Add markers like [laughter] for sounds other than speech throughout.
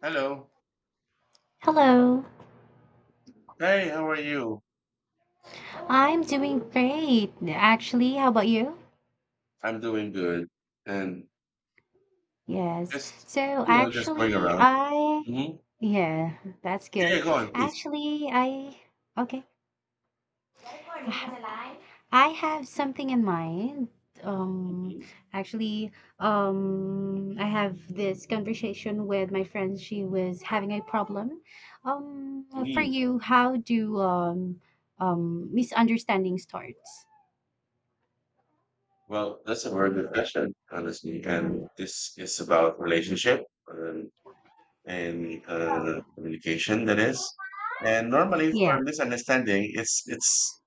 Hello. Hello, Hey, how are you? I'm doing great. Actually, how about you? I'm doing good. And Yes. just, So just going actually, around. I, Hmm. yeah, that's Yeah, good. go on, please. Actually, I, okay. I ha- I have something in mind. Um, Mhm. actually, I have this conversation with my friend. She was having a problem. Um, for Mhm. you, how do misunderstanding starts? Well, that's a very good question, honestly. And this is about relationship um, and communication, that is. And normally Yeah. for misunderstanding, it's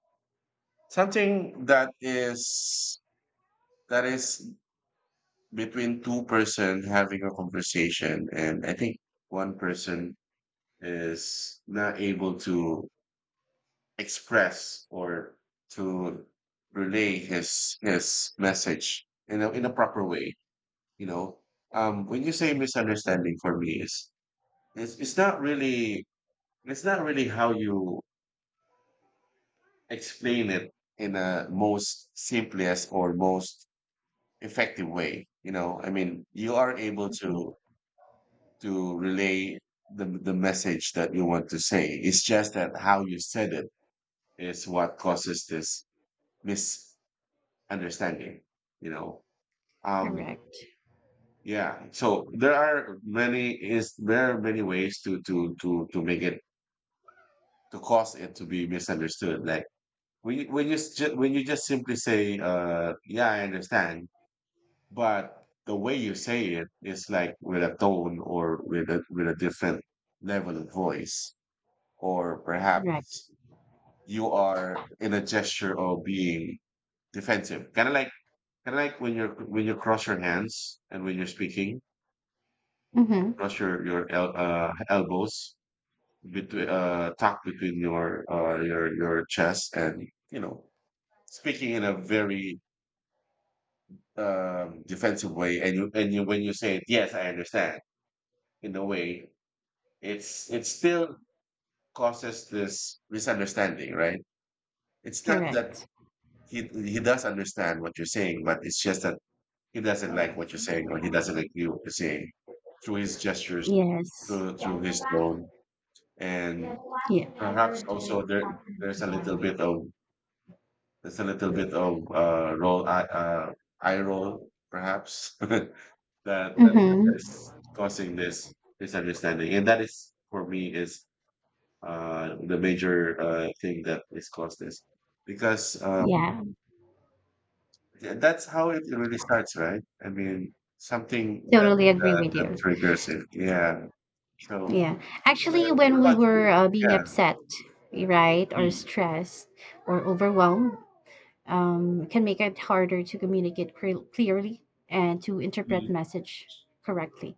something that is between two-person having a conversation, and I think one person is not able to express or to relay his message in a proper way. You know, when you say misunderstanding, for me is it's it's not really it's not really how you explain it in a most simplest or most effective way. I mean, you are able to Mhm. Relay the message that you want to say. It's just that how you said it is what causes this misunderstanding you know um Correct. yeah, so there are many ways to make it, to cause it to be misunderstood, like when you, when you just simply say, yeah, I understand, but the way you say it is like with a tone, or with a different level of voice, or Correct. perhaps you are in a gesture of being defensive, kind of like, I, like when you cross your hands and when you're speaking, Hmm. cross your elbows, between tucked between your chest, and you know speaking in a very defensive way, and you, when you say it, yes, I understand, in a way, it still causes this misunderstanding, right? It's not that Correct. he does understand what you're saying, but it's just that he doesn't like what you're saying, or he doesn't agree with what you're saying through his gestures, Yes. through Yeah. through his tone, and perhaps also there, there's a little bit of there's a little bit of roll eye eye roll perhaps [laughs] that that Mm-hmm. is causing this misunderstanding, and that is for me is the major thing that is caused this because. Yeah, Yeah, that's how it really starts, right? I mean, something that totally agree that, with that you. triggers it. Yeah. So, Yeah. Actually, well, when what we about were you? Being Yeah. upset, right, or E, stressed or overwhelmed, can make it harder to clearly and to interpret E. message correctly.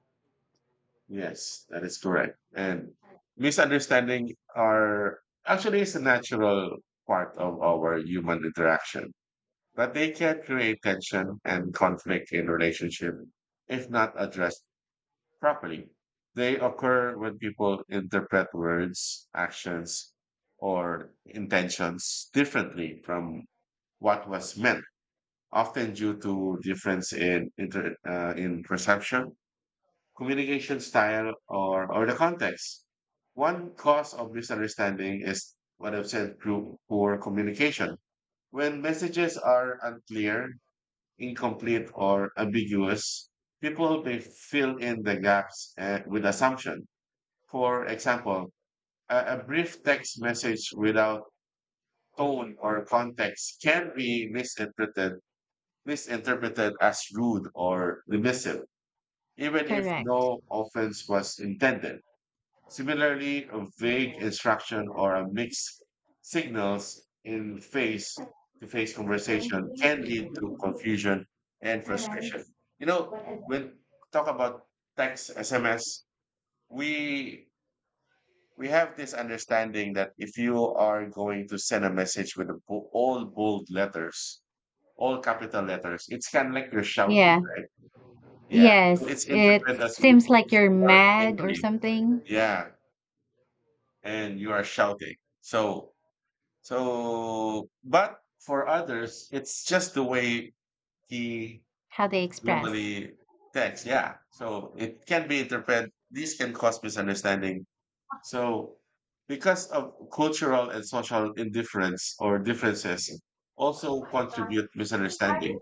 Yes, that is correct. And misunderstanding are actually is a natural part of our human interaction, but they can create tension and conflict in relationship if not addressed properly. They occur when people interpret words, actions, or intentions differently from what was meant, often due to difference in perception, communication style, or the context. One cause of misunderstanding is what I've said: poor communication. When messages are unclear, incomplete, or ambiguous, people may fill in the gaps with assumption, for example, a brief text message without tone or context can be misinterpreted, as rude or dismissive, even if Correct. no offense was intended. Similarly, a vague instruction or a mixed signals in face to face conversation can lead to confusion and frustration. You know, when talk about text, SMS, we we have this understanding that if you are going to send a message with a all bold letters, all capital letters, it's kind of like you're shouting, Yeah. right? Yeah. So Yes. it's It interpreted as seems like you're you are mad or angry. something. Yeah. And you are shouting. So, but for others, it's just the way he How they express. normally texts. Yeah. So it can be interpreted. This can cause misunderstanding. So, because of cultural and social indifference or differences also contribute misunderstanding.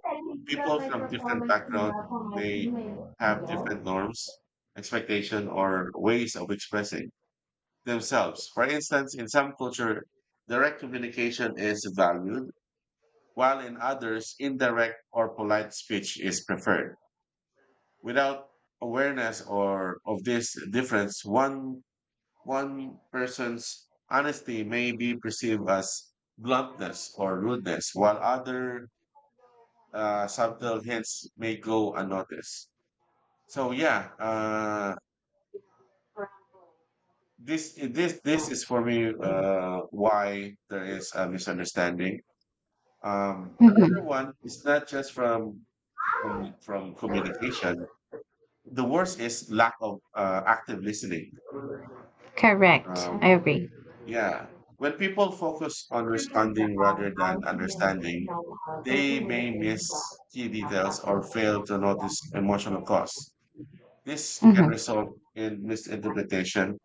People from different backgrounds may have different norms, expectation, or ways of expressing themselves. For instance, in some culture, direct communication is valued, while in others, indirect or polite speech is preferred. Without awareness or of this difference, one person's honesty may be perceived as bluntness or rudeness, while other subtle hints may go unnoticed. So yeah, this is for me why there is a misunderstanding. Another Mm-hmm. one is not just from communication. The worst is lack of active listening. Correct. Um, I agree. yeah, when people focus on responding rather than understanding, they may miss key details or fail to notice emotional costs. This can Mm-hmm. result in misinterpretation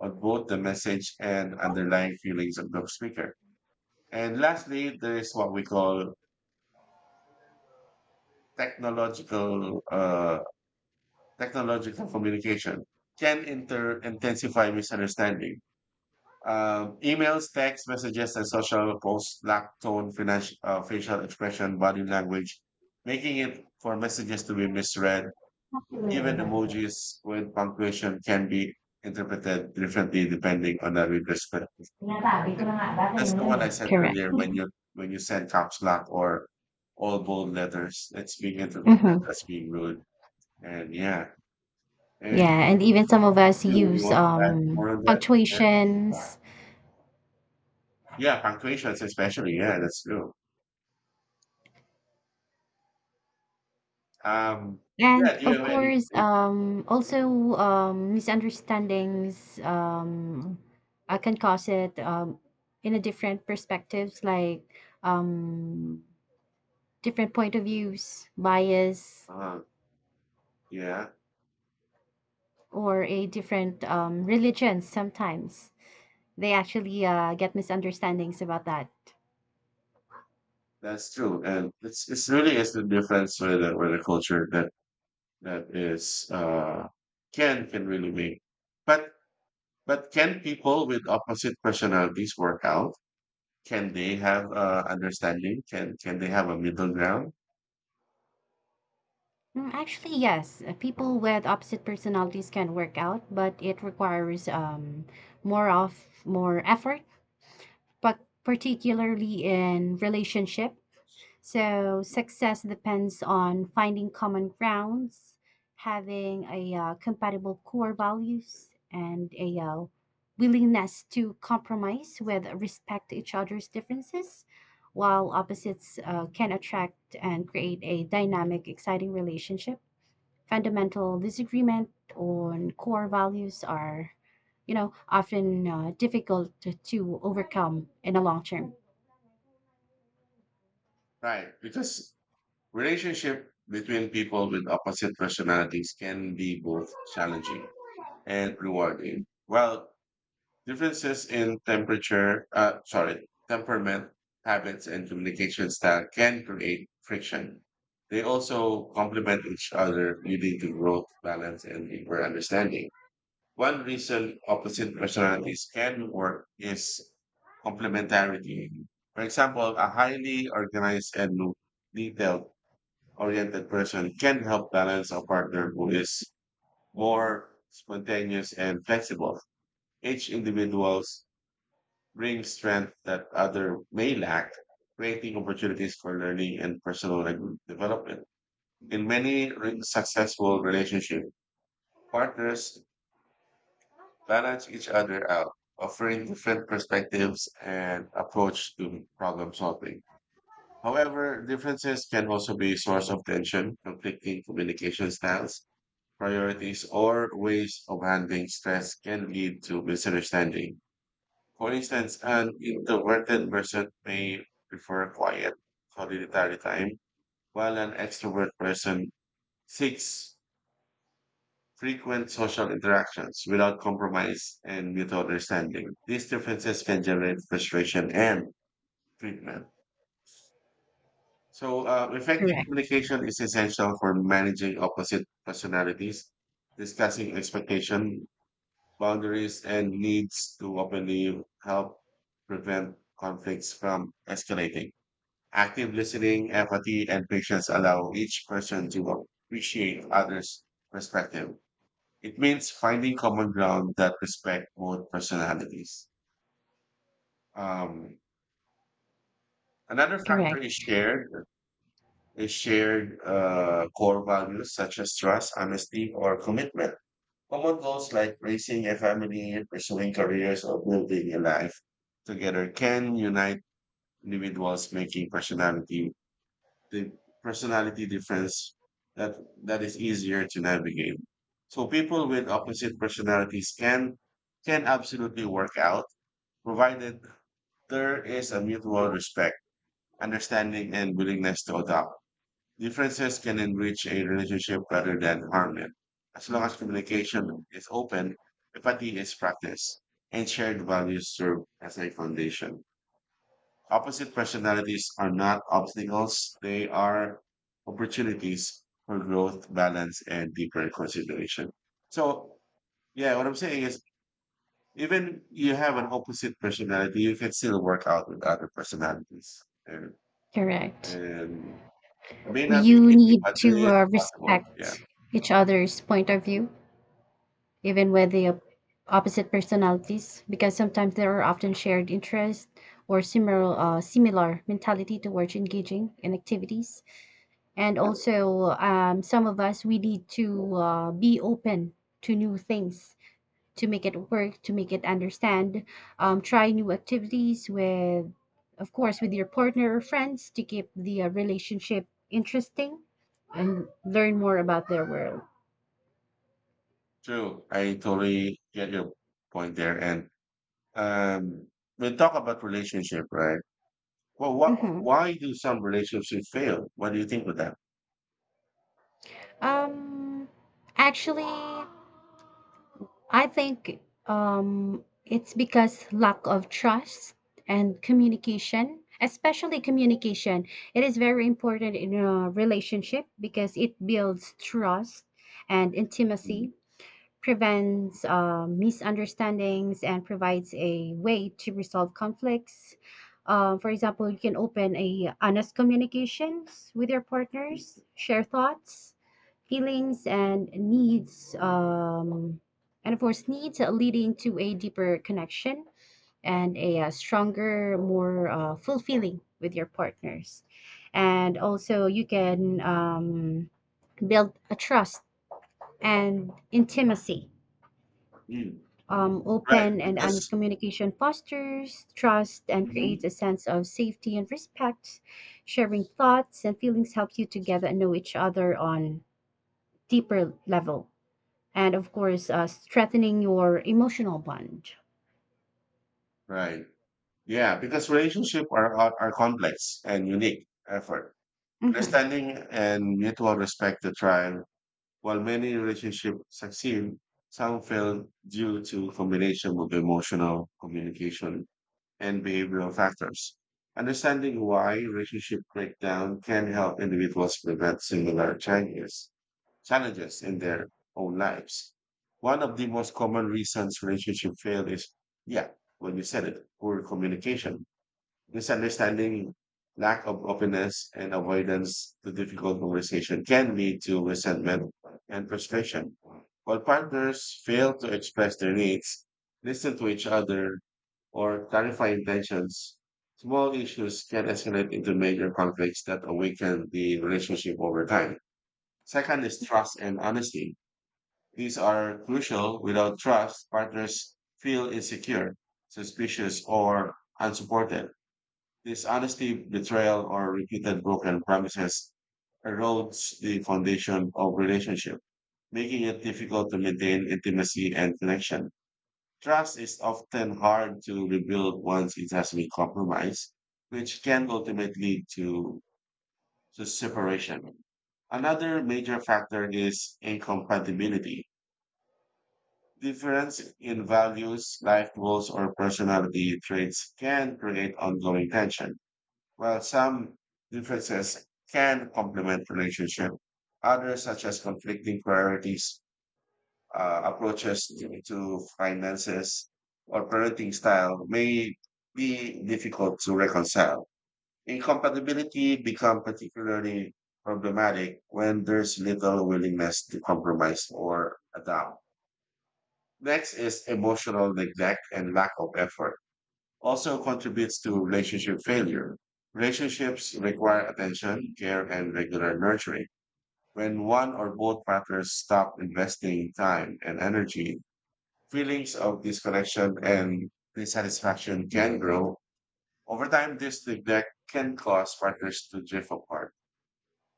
of both the message and underlying feelings of the speaker. And lastly, there is what we call technological uh, technological communication can intensify misunderstanding. Emails, text messages, and social posts lack tone, facial expression, body language, making it for messages to be misread. Even emojis with punctuation can be interpreted differently depending on the reader's perspective. That's the one I said Correct. earlier, when you, send caps lock or all bold letters. It's being interpreted Mm-hmm. as being rude. And yeah, and Yeah, and even some of us two, you use want to add more on that? punctuations Yeah, yeah, punctuations especially. Yeah, that's true. Um, yeah. and Do you of have any? course um also um misunderstandings I can cause it in a different perspectives like um different point of views, bias Uh, yeah, or a different religion sometimes. They actually get misunderstandings about that. that's true. And it's really is the difference with with the culture that that is can really make. But can people with opposite personalities work out? Can they have understanding? Can they have a middle ground? Actually, yes. People with opposite personalities can work out, but it requires more of more effort, but particularly in relationship. So success depends on finding common grounds, having a compatible core values, and a willingness to compromise with respect to each other's differences. While opposites can attract and create a dynamic, exciting relationship fundamental disagreement on core values are, you know, often difficult to overcome in the long term. Right, because relationship between people with opposite personalities can be both challenging and rewarding. Well, differences in temperature, sorry, temperament, habits, and communication style can create friction. They also complement each other, leading to growth, balance, and deeper understanding. One reason opposite personalities can work is complementarity. For example, a highly organized and detailed oriented person can help balance a partner who is more spontaneous and flexible. Each individual's bring strength that other may lack, creating opportunities for learning and personal development. In many successful relationships, partners balance each other out, offering different perspectives and approach to problem solving. However, differences can also be a source of tension. Conflicting communication styles, priorities, or ways of handling stress can lead to misunderstanding. For instance, an introverted person may prefer quiet, solitary time, while an extrovert person seeks frequent social interactions without compromise and mutual understanding. These differences can generate frustration and treatment. So, effective Correct, communication is essential for managing opposite personalities, discussing expectation, boundaries, and needs to openly help prevent conflicts from escalating. Active listening, empathy, and patience allow each person to appreciate others' perspective. It means finding common ground that respect both personalities. Um, Another factor correct, is shared core values such as trust, honesty, or commitment. Common goals like raising a family, pursuing careers, or building a life together can unite individuals, making the personality difference that that is easier to navigate. So people with opposite personalities can absolutely work out, provided there is a mutual respect, understanding, and willingness to adapt. Differences can enrich a relationship rather than harm it. As long as communication is open, empathy is practiced, and shared values serve as a foundation. Opposite personalities are not obstacles, they are opportunities for growth, balance, and deeper consideration. So, yeah, what I'm saying is, even you have an opposite personality, you can still work out with other personalities. And, correct. and it may not be You easy, need but to it is possible. respect Yeah. each other's point of view, even with the opposite personalities, because sometimes there are often shared interests or similar similar mentality towards engaging in activities. And also, some of us we need to be open to new things to make it work, to make it understand. Try new activities with, of course, with your partner or friends to keep the relationship interesting and learn more about their world. True. I totally get your point there. And um, we talk about relationship, right? Well, Hmm. why do some relationships fail? What do you think of that? Um, actually, I think it's because lack of trust and communication, especially communication. It is very important in a relationship because it builds trust and intimacy prevents misunderstandings and provides a way to resolve conflicts. For example, you can open a honest communications with your partners, share thoughts, feelings, and needs, and of course needs, leading to a deeper connection and a, stronger, more fulfilling with your partners. And also, you can build a trust and intimacy Mm. Right, open and honest because. communication fosters trust and creates Mhm. a sense of safety and respect. Sharing thoughts and feelings helps you to get and know each other on deeper level, and of course, strengthening your emotional bond. Right. Yeah, because relationships are complex and unique effort. Hmm. Understanding and mutual respect to thrive. While many relationships succeed, some fail due to combination of emotional communication and behavioral factors. Understanding why relationship breakdown can help individuals prevent similar challenges in their own lives. One of the most common reasons relationship fail is, yeah, when you said it, poor communication, misunderstanding, lack of openness, and avoidance to difficult conversation can lead to resentment and frustration. While partners fail to express their needs, listen to each other, or clarify intentions, small issues can escalate into major conflicts that awaken the relationship over time. Second is trust and honesty. These are crucial. Without trust, partners feel insecure, suspicious, or unsupported. Dishonesty, betrayal, or repeated broken promises erodes the foundation of relationship, making it difficult to maintain intimacy and connection. Trust is often hard to rebuild once it has been compromised, which can ultimately lead to, separation. Another major factor is incompatibility. Difference in values, life goals, or personality traits can create ongoing tension. While some differences can complement relationship, others such as conflicting priorities, approaches to finances, or parenting style may be difficult to reconcile. Incompatibility become particularly problematic when there's little willingness to compromise or adapt. Next is emotional neglect and lack of effort. Also contributes to relationship failure. Relationships require attention, care, and regular nurturing. When one or both partners stop investing time and energy, feelings of disconnection and dissatisfaction can grow. Over time, this neglect can cause partners to drift apart.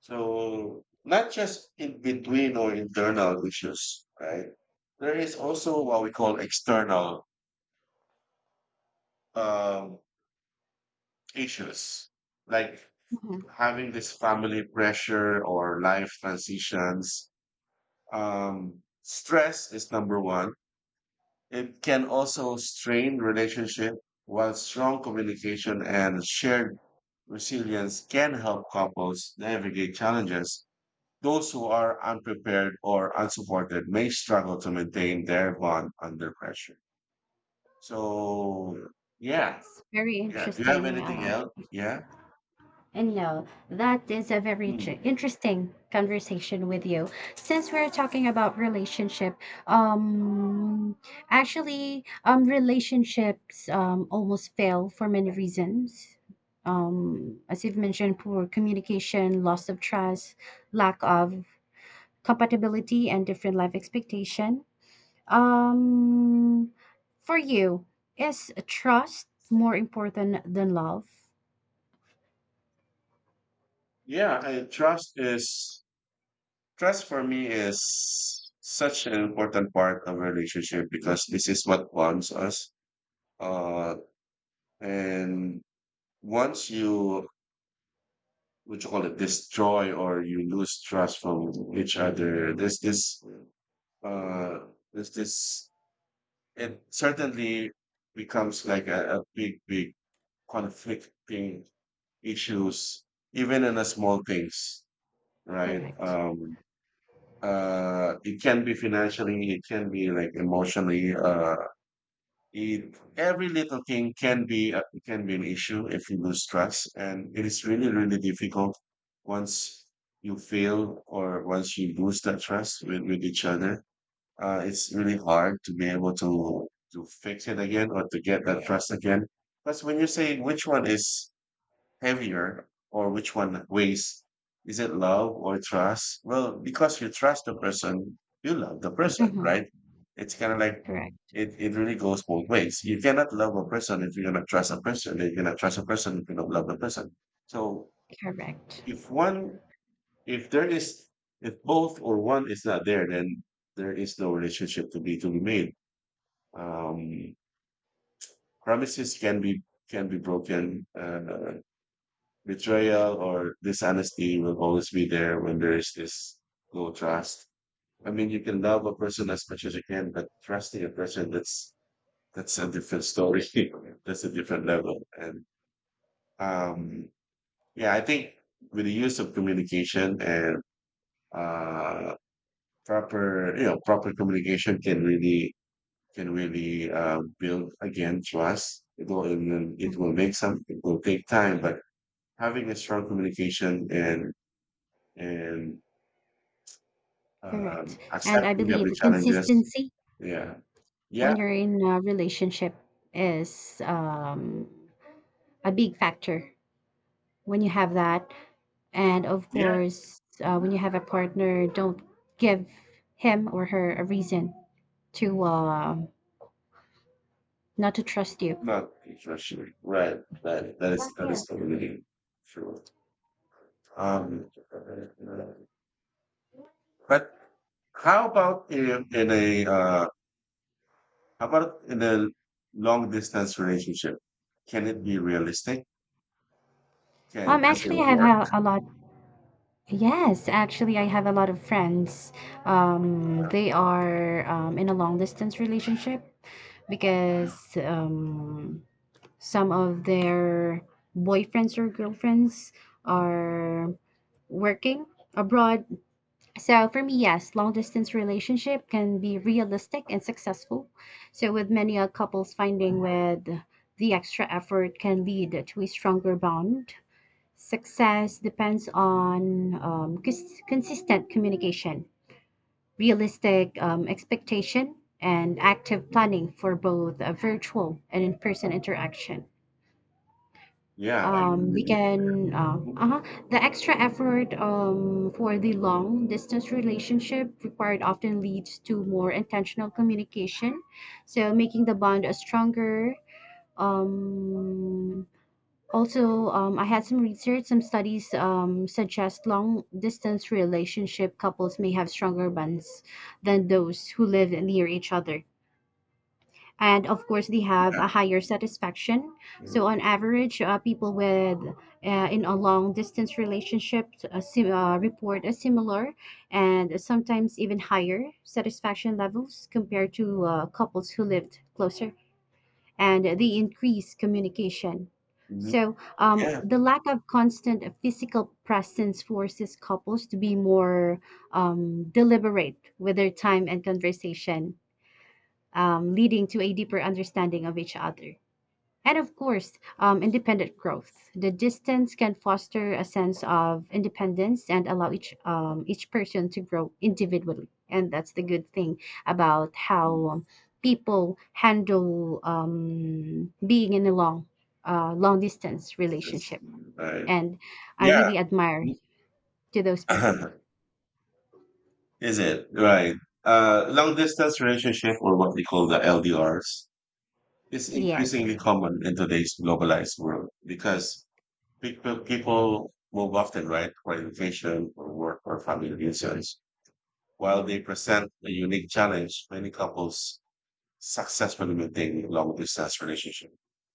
So, not just in between or internal issues, right? There is also what we call external um, issues like Hmm. having this family pressure or life transitions. Stress is number one. It can also strain relationship, while strong communication and shared resilience can help couples navigate challenges. Those who are unprepared or unsupported may struggle to maintain their bond under pressure. So, yeah, It's very yeah. Do you have interesting. anything else? Yeah. And no, that is a very Hmm. tr- interesting conversation with you. Since we're talking about relationship, um, relationships almost fail for many reasons. As you've mentioned, poor communication, loss of trust, lack of compatibility, and different life expectation. Um, for you, is trust more important than love? Yeah, I trust is trust for me is such an important part of a relationship because this is what bonds us. Uh, and once you what you call it destroy or you lose trust from each other, uh there's this, it certainly becomes like a big conflicting issues even in the small things, right? Correct. It can be financially, it can be like emotionally, it every little thing can be it can be an issue if you lose trust, and it is really really difficult once you fail or once you lose that trust with, each other. It's really hard to be able to fix it again or to get that trust again. Because when you say which one is heavier or which one weighs? Is it love or trust? Well, because you trust the person, you love the person, Mm-hmm. right? It's kind of like Correct. it really goes both ways. You cannot love a person if you're gonna trust a person, and you cannot trust a person if you don't love the person. So Correct. if one, if there is, if both or one is not there, then there is no relationship to be made. Um, Promises can be, can be broken. Betrayal or dishonesty will always be there when there is this low trust. I mean, you can love a person as much as you can, but trusting a person, that's a different story. [laughs] That's a different level. And um, yeah, I think with the use of communication and uh, proper, you know, proper communication can really, can really build again trust. It will, it Mm. will make some. It will take time, but having a strong communication and and Correct. And I accepting believe every challenges. consistency Yeah, yeah, when you're in a relationship is a big factor when you have that. And of yeah. course, Mhm. when you have a partner, don't give him or her a reason to not to trust you. Not interesting, right? That that is, that is totally true. Um, but how about in a how about in a long distance relationship? Can it be realistic? Can, does Actually, I it have work? ha- A lot. Yes, actually, I have a lot of friends. They are in a long distance relationship because some of their boyfriends or girlfriends are working abroad. So for me, yes, long distance relationship can be realistic and successful. So with many couples finding with the extra effort can lead to a stronger bond. Success depends on consistent communication, realistic expectation, and active Mhm. planning for both a virtual and in-person interaction. Yeah, I agree We with you. can Mhm. uh-huh The extra effort for the long distance relationship required often leads to more intentional communication, so making the bond stronger. Um also I had some research, some studies suggest long distance relationship couples may have stronger bonds than those who live near each other, and of course they have a higher satisfaction. Yes. So on average, people with in a long distance relationship report a similar and sometimes even higher satisfaction levels compared to couples who lived closer, and they increase communication. Mhm. So Yeah. the lack of constant physical presence forces couples to be more deliberate with their time and conversation, leading to a deeper understanding of each other. And of course, independent growth. The distance can foster a sense of independence and allow each person to grow individually. And that's the good thing about how Mm, people handle being in a long distance it's just, relationship. mm, right. And I Yeah. really admire Mhm. to those people. [laughs] Is it? Right. Long distance relationship, or what we call the LDRs, is Yes. increasingly common in today's globalized world because people move often, right, for education, for work, or family reasons, while they present a unique challenge many couples successfully maintain long distance relationship,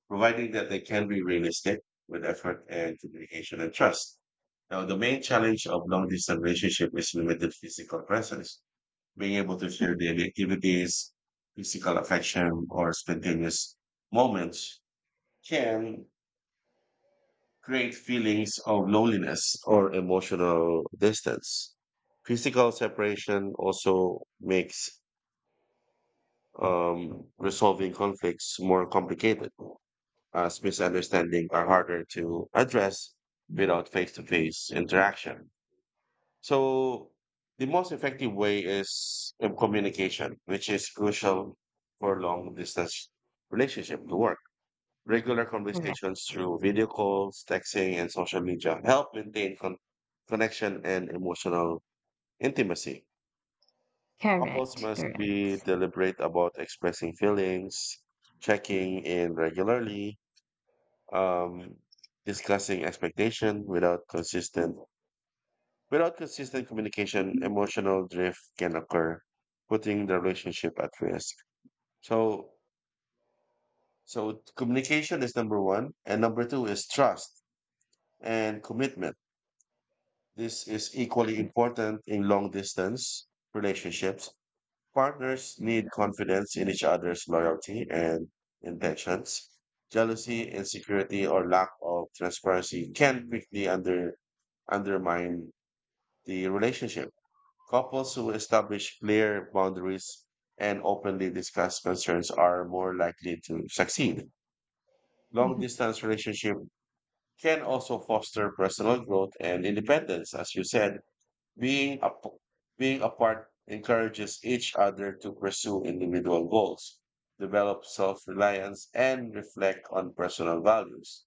providing that they can be realistic with effort and communication and trust. Now, the main challenge of long distance relationship is limited physical presence, being able to share Mm, daily activities, physical affection, or spontaneous moments can create feelings of loneliness or emotional distance. Physical separation also makes resolving conflicts more complicated, as misunderstandings are harder to address without face to face interaction. So the most effective way is in communication, which is crucial for long distance relationship to work. Regular correct, conversations through video calls, texting, and social media help maintain connection and emotional intimacy. Couples correct, must be correct. deliberate about expressing feelings, checking in regularly, um, discussing expectation without consistent. Without consistent communication, emotional drift can occur, putting the relationship at risk. So, so communication is number one, and number two is trust and commitment. This is equally important in long distance relationships. Partners need confidence in each other's loyalty and intentions. Jealousy, insecurity, or lack of transparency can quickly undermine the relationship. Couples who establish clear boundaries and openly discuss concerns are more likely to succeed. Long Mhm. distance relationship can also foster personal growth and independence. As you said, being, ap- being apart encourages each other to pursue individual goals, develop self-reliance, and reflect on personal values.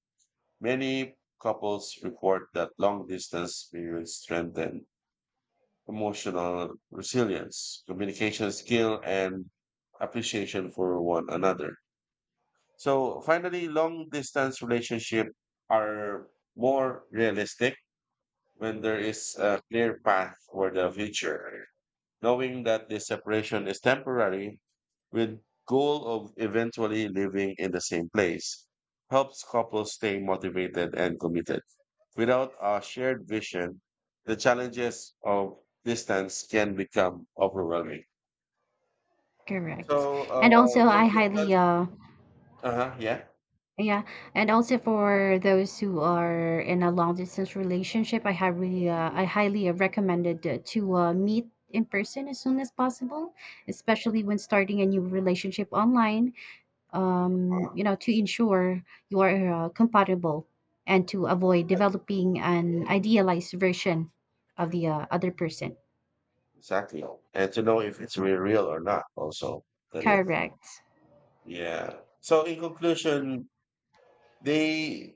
Many couples report that long distance periods strengthen emotional resilience, communication skill, and appreciation for one another. So finally, long distance relationships are more realistic when there is a clear path for the future, knowing that this separation is temporary with goal of eventually living in the same place helps couples stay motivated and committed. Without a shared vision, the challenges of distance can become overwhelming. Correct. So, uh, And also, long distance, uh-huh, yeah, yeah, and also for those who are in a long distance relationship, I mhm. highly recommended to meet in person as soon as possible, especially when starting a new relationship online, Uh, you know, to ensure you are compatible and to avoid developing an idealized version of the other person. exactly. And to know if it's real or not, also, that is, Correct. yeah. So, in conclusion, they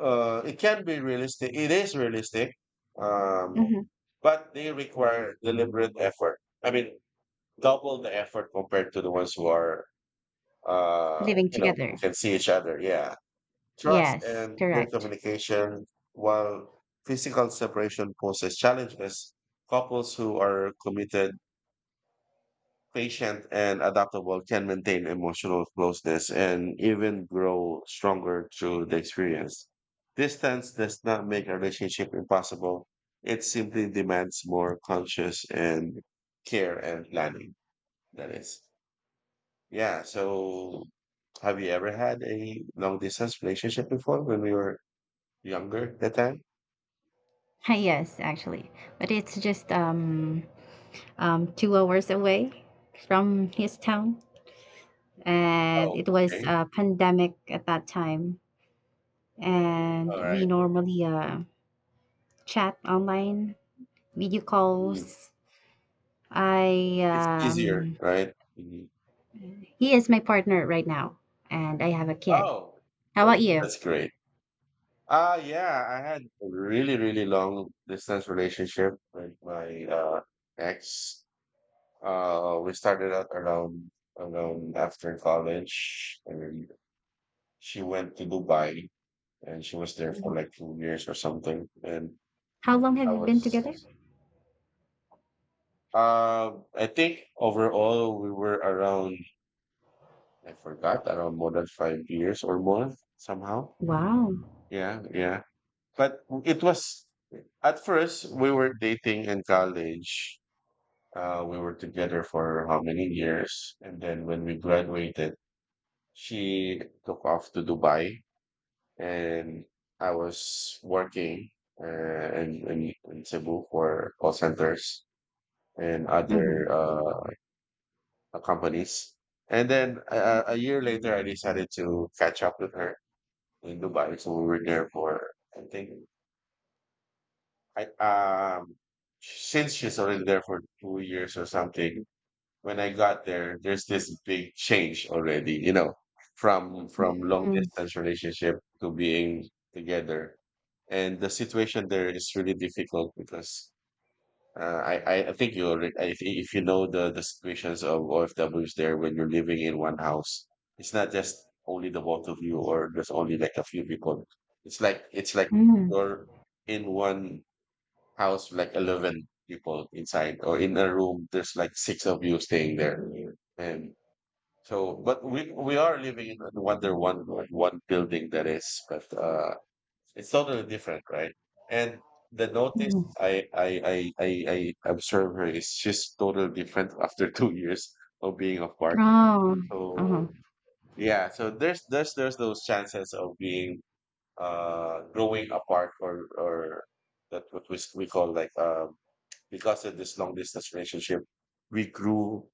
uh, it can be realistic. It is realistic, um, Hmm. but they require deliberate effort. I mean, double the effort compared to the ones who are, uh, Living you know, together. who can see each other. Yeah, trust and Yes, clear correct. communication. While physical separation poses challenges, couples who are committed, patient and adaptable can maintain emotional closeness and even grow stronger through the experience. Distance does not make a relationship impossible. It simply demands more conscious and care and planning. That is. Yeah. So have you ever had a long distance relationship before when we were younger that time? [laughs] Yes, actually. But it's just 2 hours away from his town. And Oh, it was okay. a pandemic at that time. All And we right. normally chat online, video Mm. calls. I It's easier, right? Mhm. He is my partner right now, and I have a kid. Oh, How that's, about you? that's great. Yeah, I had a really, really long distance relationship with my ex. Uh, we started out around after college, and she went to Dubai, and she was there for Mhm. like 2 years or something. And How long I have you been together? was I think overall we were around, I forgot, around more than 5 years or more somehow. Wow. Yeah, yeah. But it was, at first we were dating in college. We were together for how many years? And then when we graduated, she took off to Dubai, and I was working uh, in, in Cebu for call centers and other Mm-hmm. Companies. And then a year later, I decided to catch up with her in Dubai. So we were there for, I think, I um, since she's already there for 2 years or something, when I got there, there's this big change already, you know, from long distance relationship to being together. And the situation there is really difficult because I think you already, I think if you know the situations of OFWs there, when you're living in one house, it's not just only the both of you or there's only like a few people. It's like Mm-hmm. you're in one house like 11 people inside, or in a room there's like six of you staying there. And So but we are living in wonder one, like one building, that is, but it's totally different, right? And the notice Mm-hmm. i i i i, I observe her is just totally different [laughs] after 2 years of being apart. Oh. so Uh-huh. yeah, so there's those chances of being growing apart or that's what we call like, um, because of this long distance relationship, we grew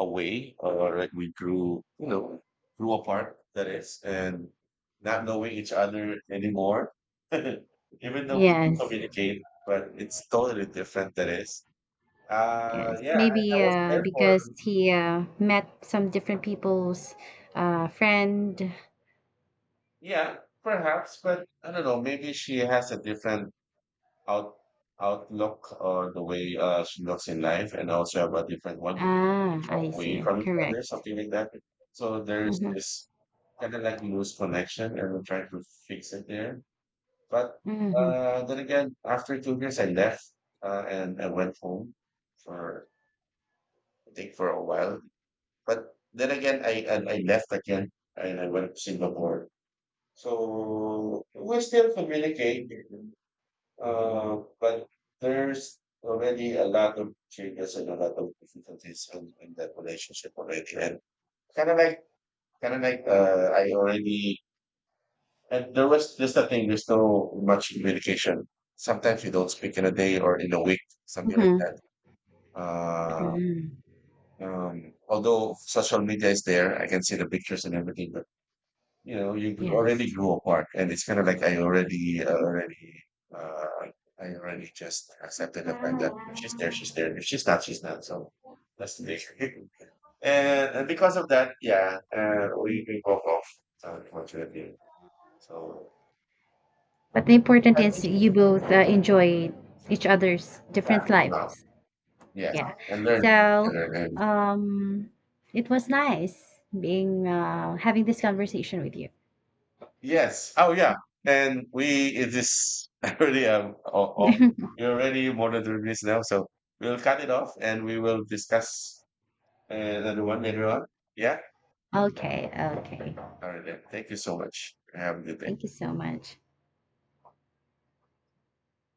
away, or like we grew, you know, grew apart, that is, and not knowing each other anymore. [laughs] Even though we do Yes. communicate, but it's totally different, that is. Yes, Yeah, and I maybe was there for, because he met some different people's friend. yeah, perhaps, but I don't know, maybe she has a different out outlook, or the way she looks in life, and also have a different one in Ah, I away see. from each other, Correct. something like that. So there's Mm-hmm. this kind of like loose connection, and we're trying to fix it there. But Mm-hmm. Then again, after 2 years, I left and I went home for, I think for a while. But then again, I left again and I went to Singapore. So we still communicate. But there's already a lot of changes and a lot of difficulties in, that relationship already. And kind of like, kind of like, and there was just a thing, there's no much communication. Sometimes you don't speak in a day or in a week, something like Mm-hmm. that. Uh, Hmm. Although social media is there, I can see the pictures and everything, but you know you already Yes. grew apart, and it's kind of like I already already uh I already just accepted the fact that if she's there, she's there, if she's not, she's not. So that's the thing. [laughs] And because of that, yeah, we broke off, so unfortunately. So But the important I is think she's you both enjoy each other's yeah, different no, lives. yes, Yeah. and learned from each So, other. And um, it was nice being having this conversation with you. Yes. Oh yeah, and we it is [laughs] already, um, oh, oh, you're already more than 3 minutes now, so we'll cut it off and we will discuss. And everyone, everyone. Yeah. Okay. Okay. All right. Then. Thank you so much. Have a good day. Thank you so much.